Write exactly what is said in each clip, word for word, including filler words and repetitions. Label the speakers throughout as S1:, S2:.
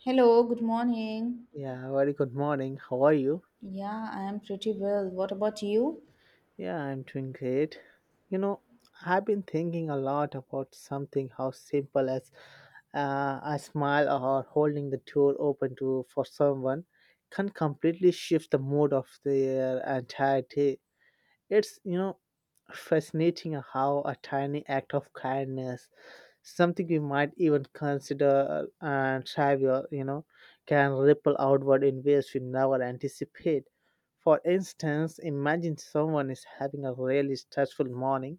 S1: Hello, good morning.
S2: Yeah, very good morning. How are you?
S1: Yeah, I am pretty well. What about you?
S2: Yeah, I'm doing great. You know, I've been thinking a lot about something how simple as uh, a smile or holding the door open to for someone can completely shift the mood of their entire day. It's, you know, Fascinating how a tiny act of kindness something we might even consider uh, and trivial, you know, can ripple outward in ways we never anticipate. For instance, imagine someone is having a really stressful morning,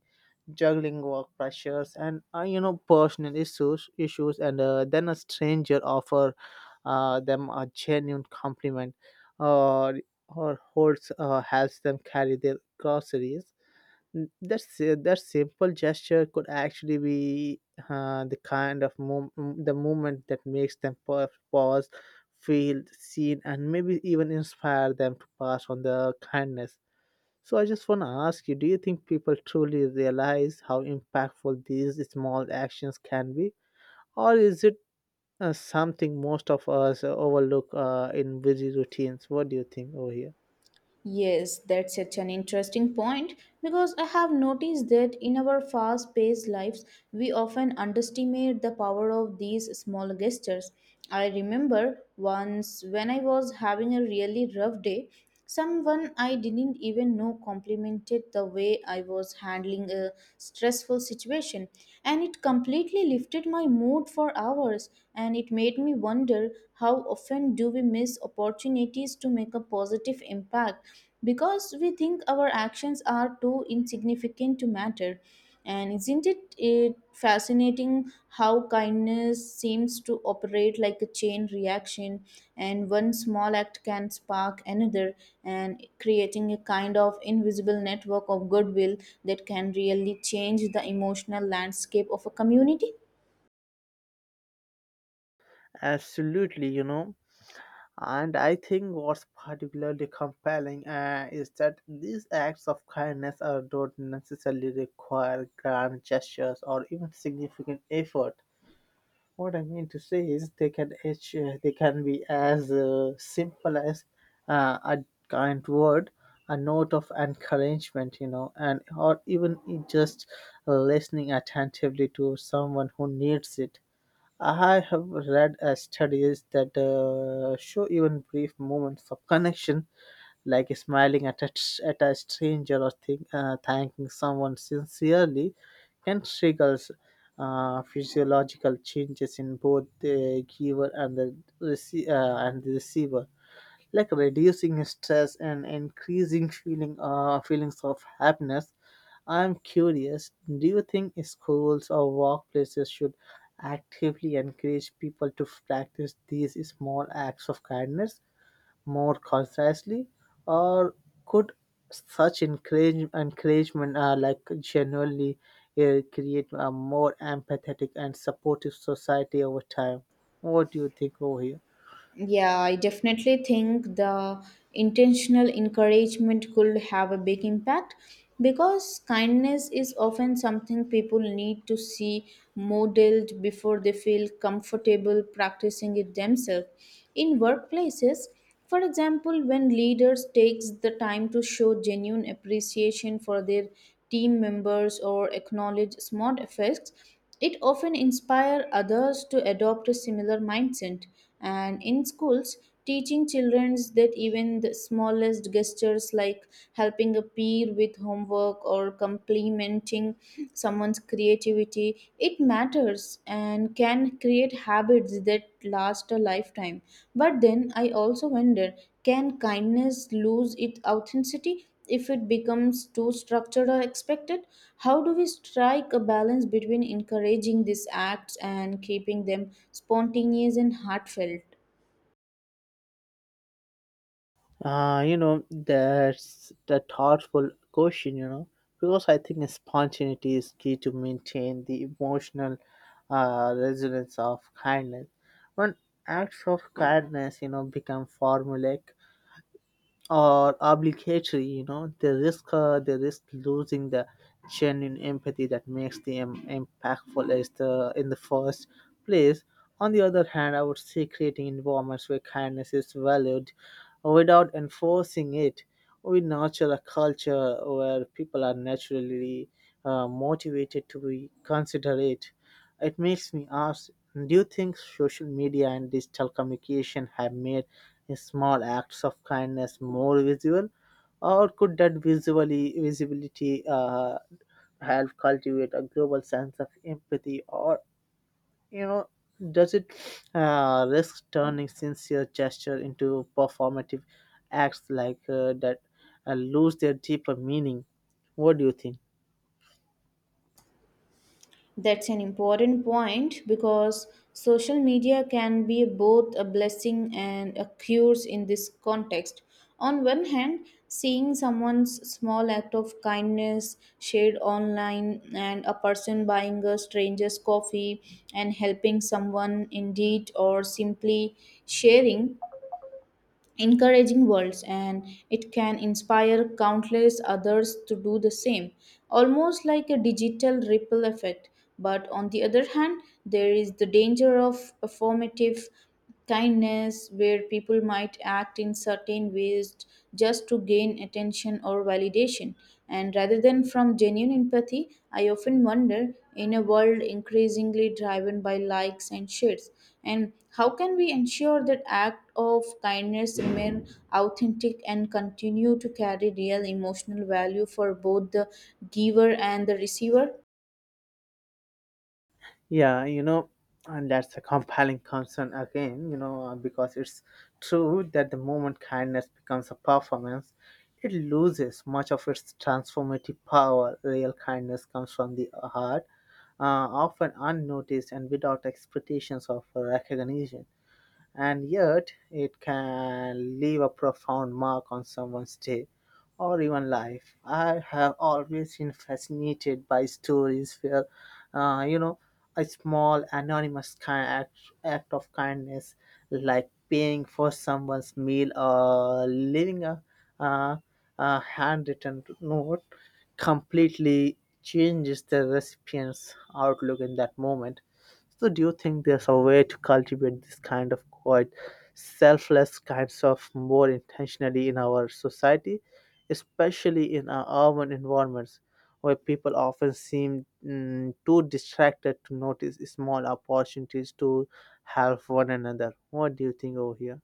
S2: juggling work pressures and uh, you know personal issues, issues, and uh, then a stranger offer uh, them a genuine compliment, or or holds uh, helps them carry their groceries. N- That's uh, that simple gesture could actually be uh, the kind of mom- m- the movement that makes them pa- pause, feel seen, and maybe even inspire them to pass on the kindness. So I just want to ask you: Do you think people truly realize how impactful these small actions can be, or is it uh, something most of us uh, overlook uh, in busy routines? What do you think over here?
S1: Yes, that's such an interesting point because I have noticed that in our fast paced lives, we often underestimate the power of these small gestures. I remember once when I was having a really rough day, someone I didn't even know complimented the way I was handling a stressful situation, and it completely lifted my mood for hours, and it made me wonder how how often do we miss opportunities to make a positive impact because we think our actions are too insignificant to matter? And isn't it, it fascinating how kindness seems to operate like a chain reaction? And one small act can spark another, and creating a kind of invisible network of goodwill that can really change the emotional landscape of a community.
S2: Absolutely, you know. And I think what's particularly compelling uh, is that these acts of kindness uh, don't necessarily require grand gestures or even significant effort. What I mean to say is they can each, uh, they can be as uh, simple as uh, a kind word, a note of encouragement, you know, and or even just listening attentively to someone who needs it. I have read uh, studies that uh, show even brief moments of connection, like smiling at a, tr- at a stranger or think, uh, thanking someone sincerely, can trigger uh, physiological changes in both the giver and the, rece- uh, and the receiver like reducing stress and increasing feeling uh, feelings of happiness. I'm curious, do you think schools or workplaces should actively encourage people to practice these small acts of kindness more consciously, or could such encourage, encouragement uh, like genuinely uh, create a more empathetic and supportive society over time? What do you think over here?
S1: Yeah, I definitely think the intentional encouragement could have a big impact because kindness is often something people need to see modeled before they feel comfortable practicing it themselves. In workplaces, for example, when leaders takes the time to show genuine appreciation for their team members or acknowledge small effects, it often inspire others to adopt a similar mindset. And in schools, teaching children that even the smallest gestures like helping a peer with homework or complimenting celebrating someone's creativity, it matters and can create habits that last a lifetime. But then I also wonder, can kindness lose its authenticity if it becomes too structured or expected? How do we strike a balance between encouraging these acts and keeping them spontaneous and heartfelt?
S2: Uh, you know, that's the thoughtful question, you know, because I think spontaneity is key to maintain the emotional uh, resilience of kindness. When acts of kindness, you know, become formulaic, or obligatory, you know, they risk uh, they risk losing the genuine empathy that makes them impactful as the in the first place. On the other hand, I would say creating environments where kindness is valued without enforcing it. We nurture a culture where people are naturally uh, motivated to be considerate. It makes me ask: Do you think social media and digital communication have made small acts of kindness more visible, or could that visually visibility uh, help cultivate a global sense of empathy, or you know, does it uh, risk turning sincere gesture into performative acts like uh, that uh, lose their deeper meaning? What do you think?
S1: That's an important point because social media can be both a blessing and a curse in this context. On one hand, seeing someone's small act of kindness shared online and a person buying a stranger's coffee and helping someone indeed, or simply sharing encouraging worlds, and it can inspire countless others to do the same, almost like a digital ripple effect. But on the other hand, there is the danger of performative kindness where people might act in certain ways just to gain attention or validation, and rather than from genuine empathy. I often wonder, in a world increasingly driven by likes and shares, and how can we ensure that act of kindness remain authentic and continue to carry real emotional value for both the giver and the receiver?
S2: Yeah, you know, and that's a compelling concern again, you know, uh, because it's true that the moment kindness becomes a performance, it loses much of its transformative power. Real kindness comes from the heart, uh, often unnoticed and without expectations of recognition and yet it can leave a profound mark on someone's day or even life. I have always been fascinated by stories where, uh, you know, a small anonymous kind act, act of kindness, like paying for someone's meal or leaving a, uh, a handwritten note, completely changes the recipient's outlook in that moment. So, do you think there's a way to cultivate this kind of quiet, selfless kinds of more intentionally in our society, especially in our urban environments, where people often seem mm, too distracted to notice small opportunities to help one another? What do you think over here?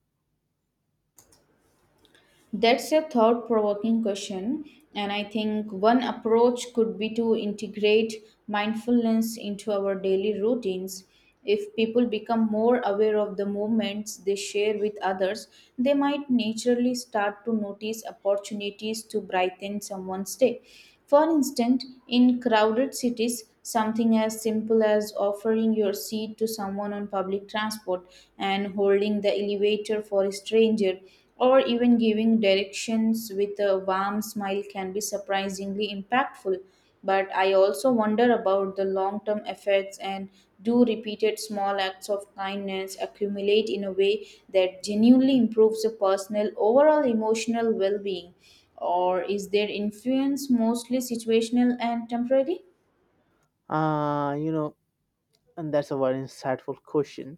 S1: That's a thought provoking question, and I think one approach could be to integrate mindfulness into our daily routines. If people become more aware of the moments they share with others, they might naturally start to notice opportunities to brighten someone's day. For instance, in crowded cities, something as simple as offering your seat to someone on public transport and holding the elevator for a stranger or even giving directions with a warm smile can be surprisingly impactful. But I also wonder about the long term effects, and do repeated small acts of kindness accumulate in a way that genuinely improves a personal overall emotional well being? Or is their influence mostly situational and temporary?
S2: Ah, you know, and that's a very insightful question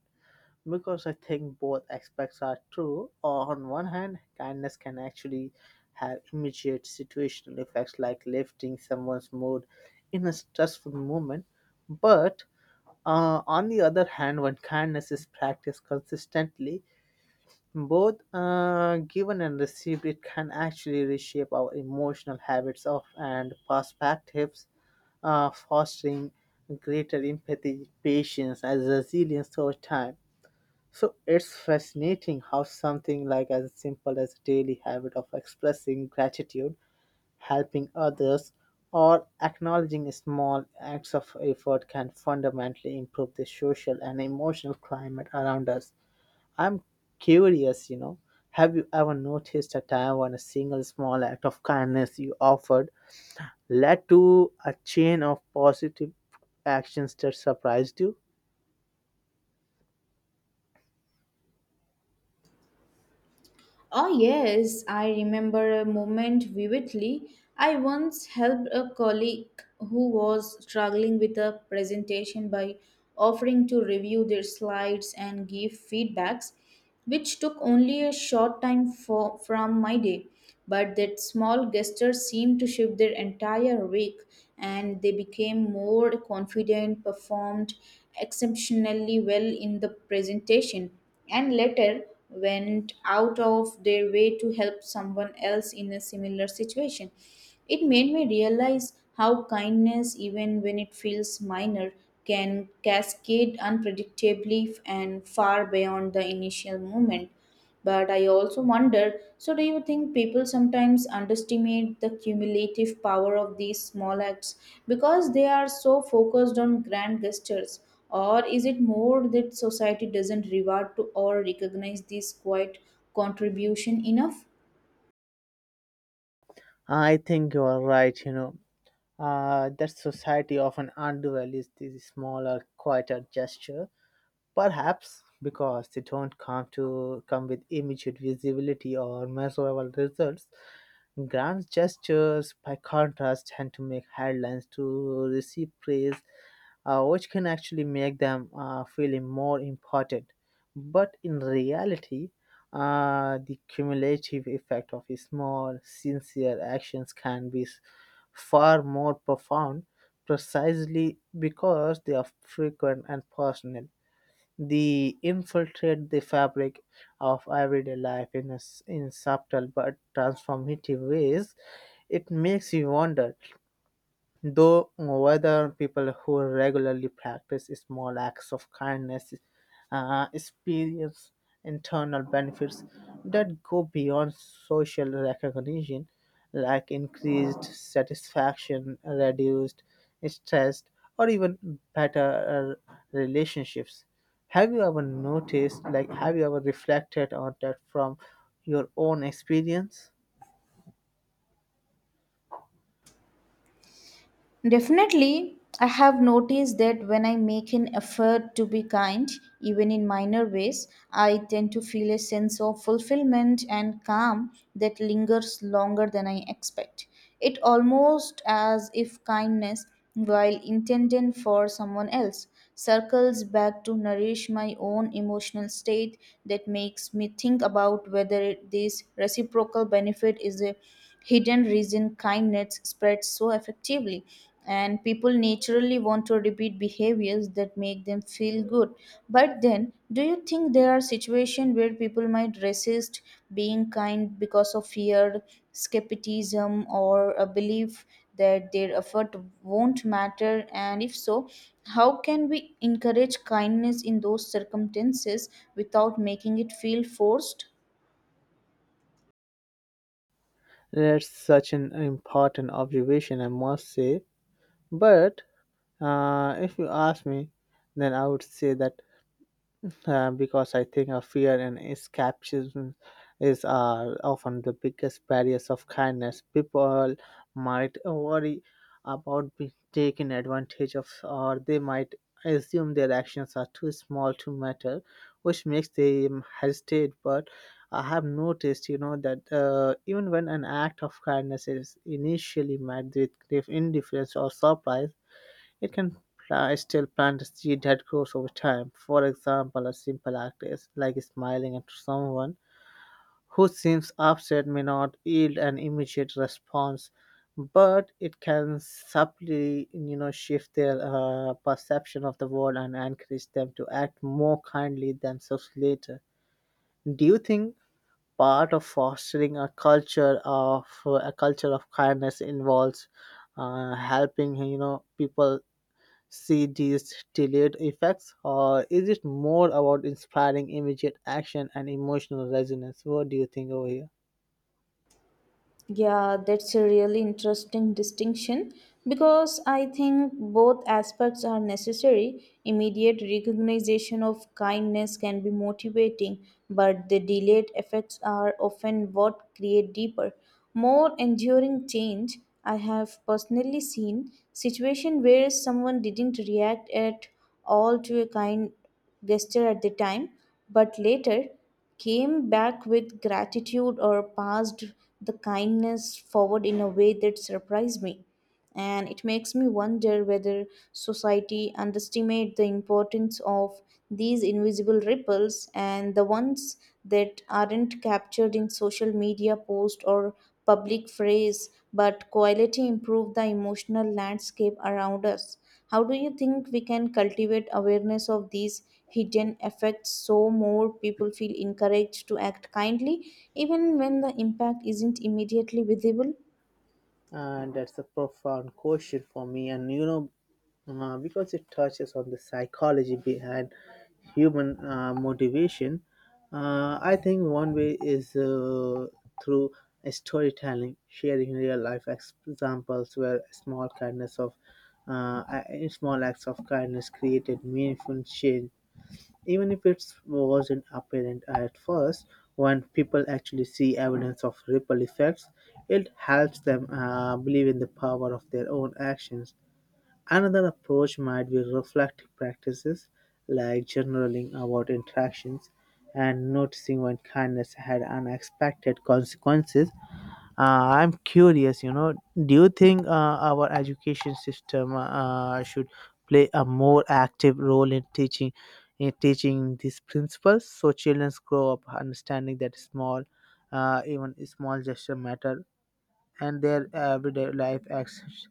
S2: because I think both aspects are true. On one hand, kindness can actually have immediate situational effects like lifting someone's mood in a stressful moment. But uh, on the other hand, when kindness is practiced consistently, both uh, given and received, it can actually reshape our emotional habits of and perspectives, uh, fostering greater empathy, patience, and resilience over time. So it's fascinating how something like as simple as daily habit of expressing gratitude, helping others, or acknowledging small acts of effort can fundamentally improve the social and emotional climate around us. I'm curious, you know, have you ever noticed a time when a single small act of kindness you offered led to a chain of positive actions that surprised you?
S1: Oh, yes, I remember a moment vividly. I once helped a colleague who was struggling with a presentation by offering to review their slides and give feedbacks, which took only a short time for, from my day. But that small gesture seemed to shift their entire week, and they became more confident, performed exceptionally well in the presentation, and later went out of their way to help someone else in a similar situation. It made me realize how kindness, even when it feels minor, can cascade unpredictably and far beyond the initial moment. But I also wonder, so, do you think people sometimes underestimate the cumulative power of these small acts because they are so focused on grand gestures? Or is it more that society doesn't reward to or recognize this quiet contribution enough?
S2: I think you are right, you know uh, that society often undervalues these smaller, quieter gestures, perhaps because they don't come to come with immediate visibility or measurable results. Grand gestures, by contrast, tend to make headlines to receive praise uh, which can actually make them uh, feel more important. But in reality, uh, the cumulative effect of small, sincere actions can be s- far more profound precisely because they are frequent and personal. They infiltrate the fabric of everyday life in, a s in subtle but transformative ways. It makes you wonder though whether people who regularly practice small acts of kindness uh, experience internal benefits that go beyond social recognition, like increased satisfaction, reduced stress, or even better uh, relationships. Have you ever noticed, like, have you ever reflected on that from your own experience?
S1: Definitely, I have noticed that when I make an effort to be kind, even in minor ways, I tend to feel a sense of fulfillment and calm that lingers longer than I expect. It almost as if kindness, while intended for someone else, circles back to nourish my own emotional state. That makes me think about whether this reciprocal benefit is a hidden reason kindness spreads so effectively, and people naturally want to repeat behaviors that make them feel good. But then, do you think there are situations where people might resist being kind because of fear, skepticism, or a belief that their effort won't matter? And if so, how can we encourage kindness in those circumstances without making it feel forced?
S2: That's such an important observation, I must say. But uh, if you ask me, then I would say that uh, because I think a fear and escapism is uh, often the biggest barriers of kindness. People might worry about being taken advantage of, or they might assume their actions are too small to matter, which makes them hesitate. But I have noticed, you know, that uh, even when an act of kindness is initially met with grave indifference or surprise it can pla- still plant a seed that grows over time. For example, a simple act is like smiling at someone who seems upset may not yield an immediate response, but it can subtly, you know, shift their uh, perception of the world and encourage them to act more kindly themselves later. Do you think part of fostering a culture of a culture of kindness involves uh, helping you know people see these delayed effects, or is it more about inspiring immediate action and emotional resonance? What do you think over here?
S1: Yeah, that's a really interesting distinction because I think both aspects are necessary. Immediate recognition of kindness can be motivating, but the delayed effects are often what create deeper, more enduring change. I have personally seen situation where someone didn't react at all to a kind gesture at the time, but later came back with gratitude or passed the kindness forward in a way that surprised me. And it makes me wonder whether society underestimates the importance of these invisible ripples and the ones that aren't captured in social media post or public phrase but quality improve the emotional landscape around us. How do you think we can cultivate awareness of these hidden effects so more people feel encouraged to act kindly even when the impact isn't immediately visible?
S2: And that's a profound question for me, and you know, uh, because it touches on the psychology behind human uh, motivation, uh, I think one way is uh, through storytelling, sharing real life ex- examples where small kindness of uh, a- small acts of kindness created meaningful change even if it wasn't apparent at first. When people actually see evidence of ripple effects, it helps them uh, believe in the power of their own actions. Another approach might be reflective practices, like journaling about interactions and noticing when kindness had unexpected consequences. Uh, I'm curious, you know, do you think uh, our education system uh, uh, should play a more active role in teaching in teaching these principles so children grow up understanding that small, uh, even small gesture matter and their everyday life actions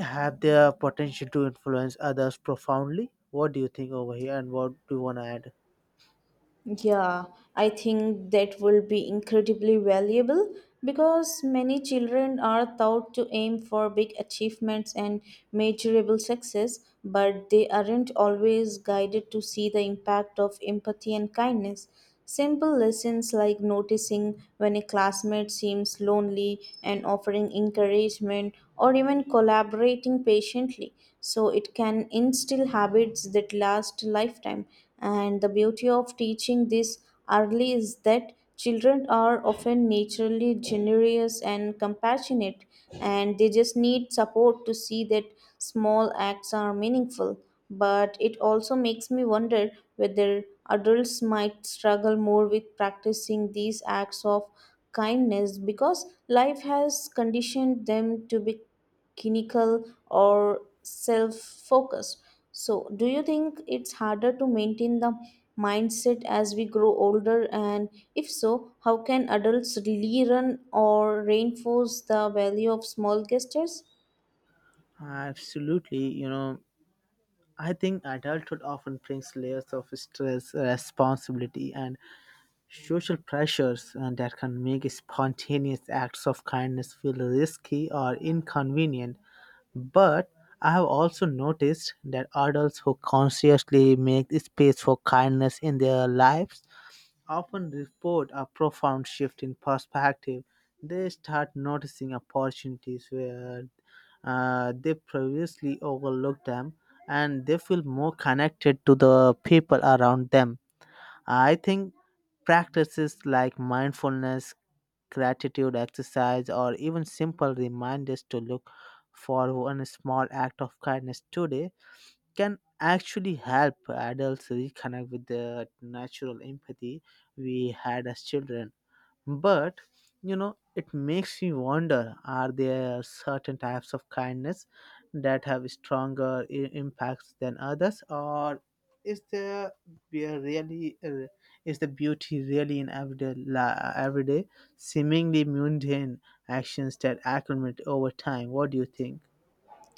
S2: have their potential to influence others profoundly. What do you think over here, and what do you want to add?
S1: Yeah, I think that will be incredibly valuable because many children are taught to aim for big achievements and measurable success, but they aren't always guided to see the impact of empathy and kindness. Simple lessons like noticing when a classmate seems lonely and offering encouragement or even collaborating patiently. So it can instill habits that last a lifetime. And the beauty of teaching this early is that children are often naturally generous and compassionate, and they just need support to see that small acts are meaningful. But it also makes me wonder whether adults might struggle more with practicing these acts of kindness because life has conditioned them to be clinical or self focused. So, do you think it's harder to maintain the mindset as we grow older? And if so, how can adults really run or reinforce the value of small gestures?
S2: Absolutely, you know, I think adulthood often brings layers of stress, responsibility, and social pressures and that can make spontaneous acts of kindness feel risky or inconvenient. But I have also noticed that adults who consciously make space for kindness in their lives often report a profound shift in perspective. They start noticing opportunities where uh, they previously overlooked them and they feel more connected to the people around them. I think practices like mindfulness, gratitude exercise, or even simple reminders to look for one small act of kindness today can actually help adults reconnect with the natural empathy we had as children. But you know, it makes me wonder are there certain types of kindness that have stronger i- impacts than others, or is the be- really uh, is the beauty really in everyday la- everyday seemingly mundane actions that accumulate over time? What do you think?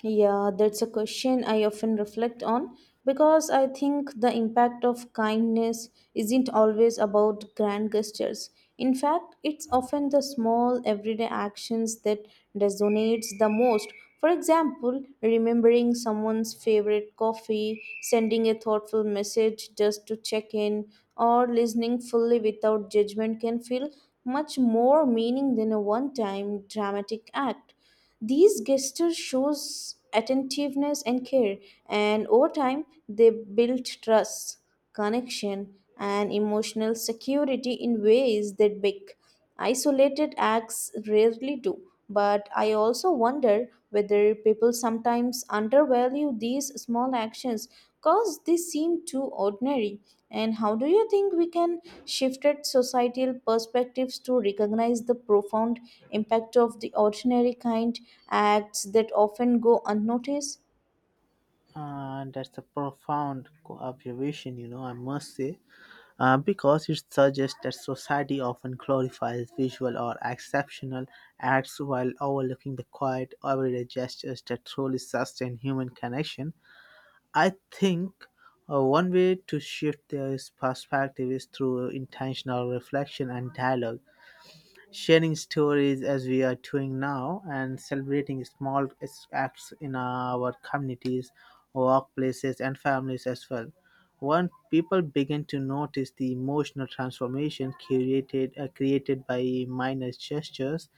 S1: Yeah, that's a question I often reflect on because I think the impact of kindness isn't always about grand gestures. In fact, it's often the small everyday actions that resonates the most. For example, remembering someone's favorite coffee, sending a thoughtful message just to check in, or listening fully without judgment can feel much more meaning than a one-time dramatic act. These gestures shows attentiveness and care, and over time they build trust, connection, and emotional security in ways that big isolated acts rarely do. But I also wonder whether where people sometimes undervalue these small actions because they seem too ordinary. And how do you think we can shift at societal perspectives to recognize the profound impact of the ordinary kind acts that often go unnoticed?
S2: Uh, that's a profound co- observation, you know, I must say, uh, because it suggests that society often glorifies visual or exceptional acts while overlooking the quiet, everyday gestures that truly sustain human connection. I think uh, one way to shift this perspective is through intentional reflection and dialogue sharing stories as we are doing now and celebrating small acts in our communities, workplaces, and families as well. When people begin to notice the emotional transformation created, uh, created by minor gestures,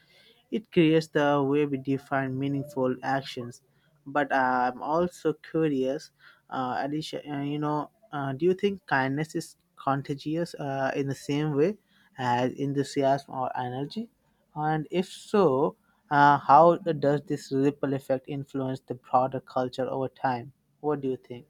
S2: it creates the way we define meaningful actions. But I'm also curious, uh, Alicia, uh, you know, uh, do you think kindness is contagious uh, in the same way as enthusiasm or energy? And if so, uh, how does this ripple effect influence the broader culture over time? What do you think?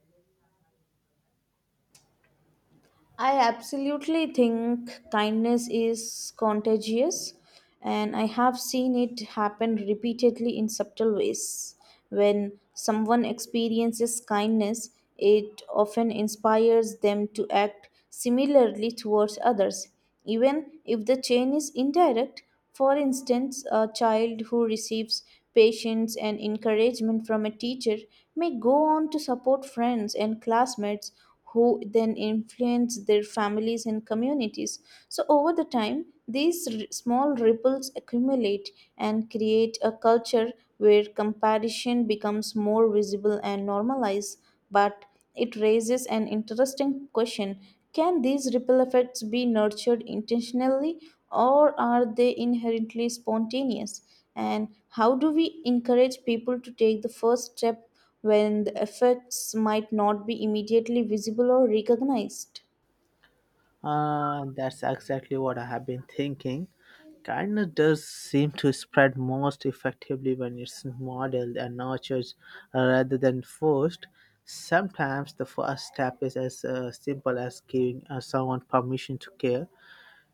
S1: I absolutely think kindness is contagious, and I have seen it happen repeatedly in subtle ways. When someone experiences kindness, it often inspires them to act similarly towards others, even if the chain is indirect. For instance, a child who receives patience and encouragement from a teacher may go on to support friends and classmates who then influence their families and communities. So, over the time, these r- small ripples accumulate and create a culture where comparison becomes more visible and normalized. But it raises an interesting question, can these ripple effects be nurtured intentionally, or are they inherently spontaneous? And how do we encourage people to take the first step when the effects might not be immediately visible or recognized?
S2: Uh, that's exactly what I have been thinking. Kindness does seem to spread most effectively when it's modeled and nurtured rather than forced. Sometimes the first step is as uh, simple as giving uh, someone permission to care,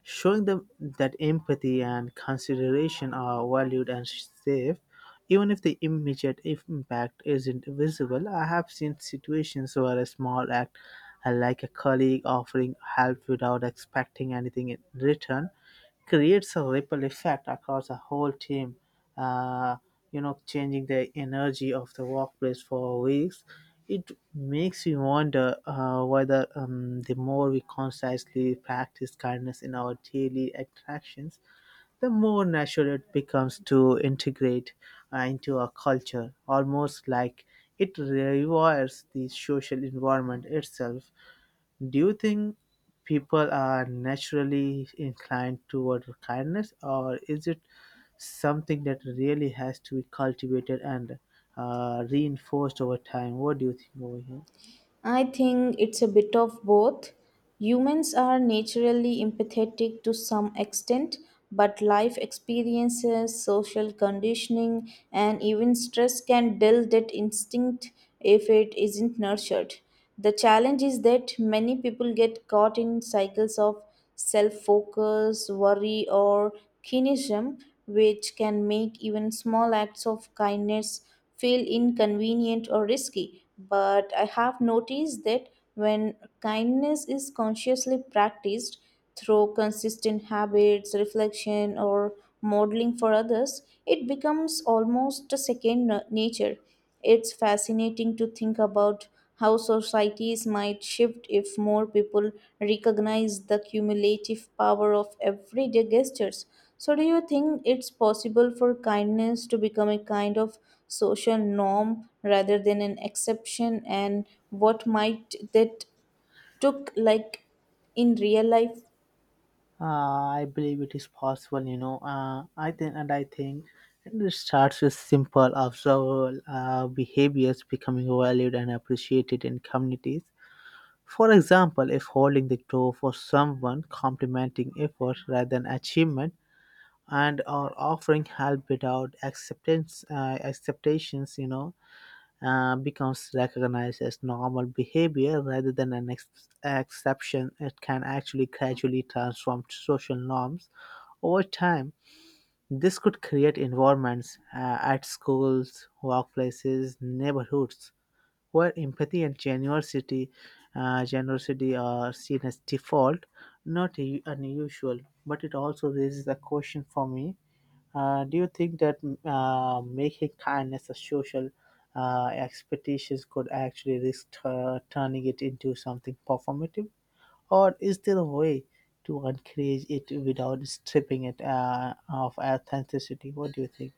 S2: showing them that empathy and consideration are valued and safe even if the immediate impact isn't visible. I have seen situations where a small act, uh, like a colleague offering help without expecting anything in return, creates a ripple effect across a whole team, uh, you know changing the energy of the workplace for weeks. It makes me wonder uh, whether um, the more we consciously practice kindness in our daily interactions, the more natural it becomes to integrate uh, into our culture, almost like it rewires the social environment itself. Do you think people are naturally inclined toward kindness, or is it something that really has to be cultivated and uh, reinforced over time? What do you think over here?
S1: I think it's a bit of both. Humans are naturally empathetic to some extent, but life experiences, social conditioning, and even stress can dull that instinct if it isn't nurtured. The challenge is that many people get caught in cycles of self focus, worry, or cynicism, which can make even small acts of kindness feel inconvenient or risky. But I have noticed that when kindness is consciously practiced through consistent habits, reflection, or modeling for others, it becomes almost a second na- nature. It's fascinating to think about how societies might shift if more people recognize the cumulative power of everyday gestures. So, do you think it's possible for kindness to become a kind of social norm rather than an exception? And what might that took like in real life?
S2: Uh, I believe it is possible, you know. Uh, I think, and I think it starts with simple, observable uh, behaviors becoming valued and appreciated in communities. For example, if holding the door for someone, complimenting effort rather than achievement, and are offering help without acceptance, uh, acceptations, you know, uh, becomes recognized as normal behavior rather than an ex- exception, it can actually gradually transform social norms over time. This could create environments, uh, at schools, workplaces, neighborhoods, where empathy and generosity, uh, generosity are seen as default, not u- unusual, but it also raises a question for me. Uh, do you think that uh, making kindness a social uh, expectations could actually risk tu- turning it into something performative? Or is there a way to encourage it without stripping it uh, of authenticity? What do you think?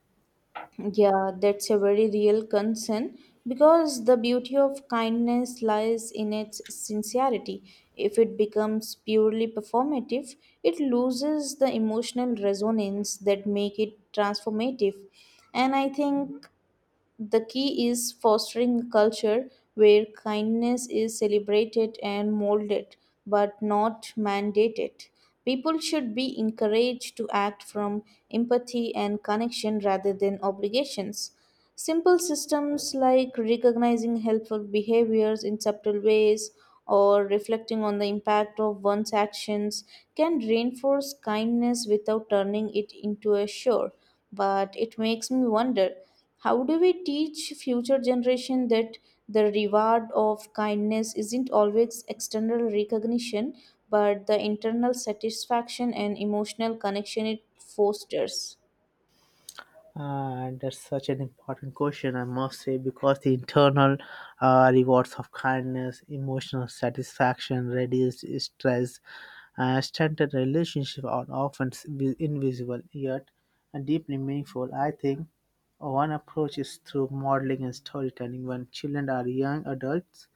S1: Yeah, that's a very real concern because the beauty of kindness lies in its sincerity. If it becomes purely performative, it loses the emotional resonance that make it transformative. And I think the key is fostering a culture where kindness is celebrated and molded, but not mandated. People should be encouraged to act from empathy and connection rather than obligations. Simple systems like recognizing helpful behaviors in subtle ways or reflecting on the impact of one's actions can reinforce kindness without turning it into a chore. But it makes me wonder, how do we teach future generation that the reward of kindness isn't always external recognition but the internal satisfaction and emotional connection it fosters?
S2: Uh, and that's such an important question, I must say, because the internal uh, rewards of kindness, emotional satisfaction, reduced stress, uh, standard relationships, are often s- vi- invisible yet deeply meaningful. I think one approach is through modeling and storytelling. When children are young adults,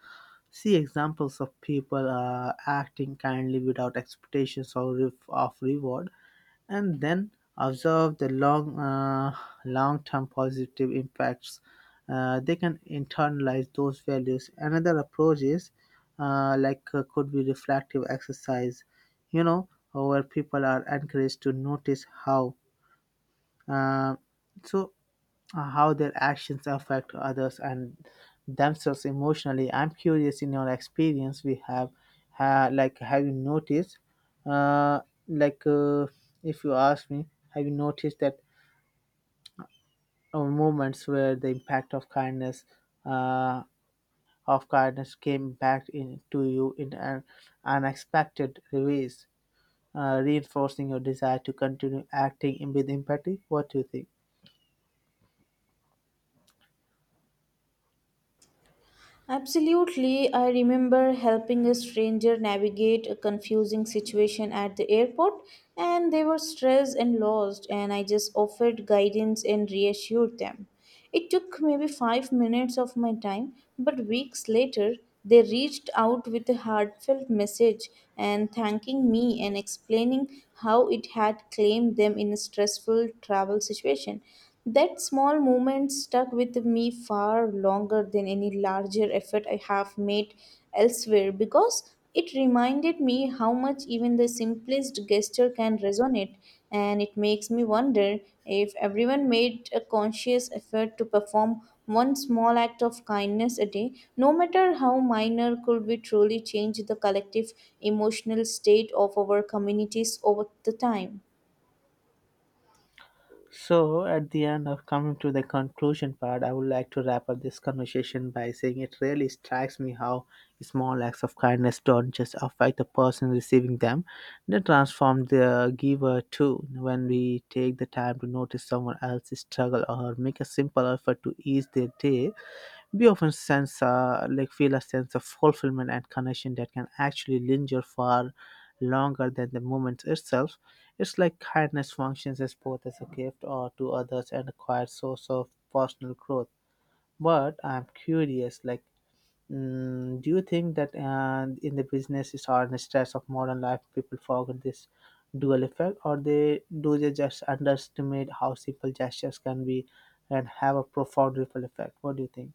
S2: see examples of people uh, acting kindly without expectations or re- of reward, and then observe the long uh, long term positive impacts. Uh, they can internalize those values. Another approach is, uh, like uh, could be reflective exercise, you know, where people are encouraged to notice how. Uh, so uh, how their actions affect others and themselves emotionally. I'm curious, in your experience, we have, ha- like, have you noticed, uh, like, uh, if you ask me, have you noticed that uh, moments where the impact of kindness, uh, of kindness came back in to you in an unexpected ways, uh, reinforcing your desire to continue acting in with empathy? What do you think?
S1: Absolutely. I remember helping a stranger navigate a confusing situation at the airport, and they were stressed and lost, and I just offered guidance and reassured them. It took maybe five minutes of my time, but weeks later, they reached out with a heartfelt message and thanking me and explaining how it had claimed them in a stressful travel situation. That small moment stuck with me far longer than any larger effort I have made elsewhere because it reminded me how much even the simplest gesture can resonate. And it makes me wonder, if everyone made a conscious effort to perform one small act of kindness a day, no matter how minor, could we truly change the collective emotional state of our communities over the time?
S2: So, at the end of coming to the conclusion part, I would like to wrap up this conversation by saying, it really strikes me how small acts of kindness don't just affect the person receiving them, they transform the giver too. When we take the time to notice someone else's struggle or make a simple effort to ease their day, we often sense, uh, like, feel a sense of fulfillment and connection that can actually linger far longer than the moment itself. It's like kindness functions as both as a gift or to others and a quiet source of personal growth. But I'm curious, like, mm, do you think that uh, in the businesses or in the stress of modern life, people forget this dual effect, or they do they just underestimate how simple gestures can be and have a profound ripple effect? What do you think?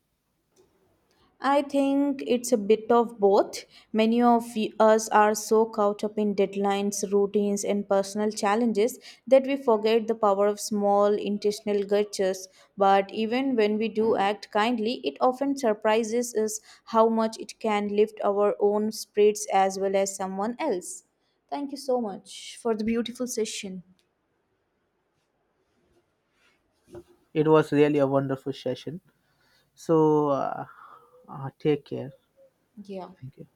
S1: I think it's a bit of both. Many of y- us are so caught up in deadlines, routines, and personal challenges that we forget the power of small intentional gestures. But even when we do act kindly, it often surprises us how much it can lift our own spirits as well as someone else. Thank you so much for the beautiful session.
S2: It was really a wonderful session. So, uh, uh, take care.
S1: Yeah.
S2: Thank you.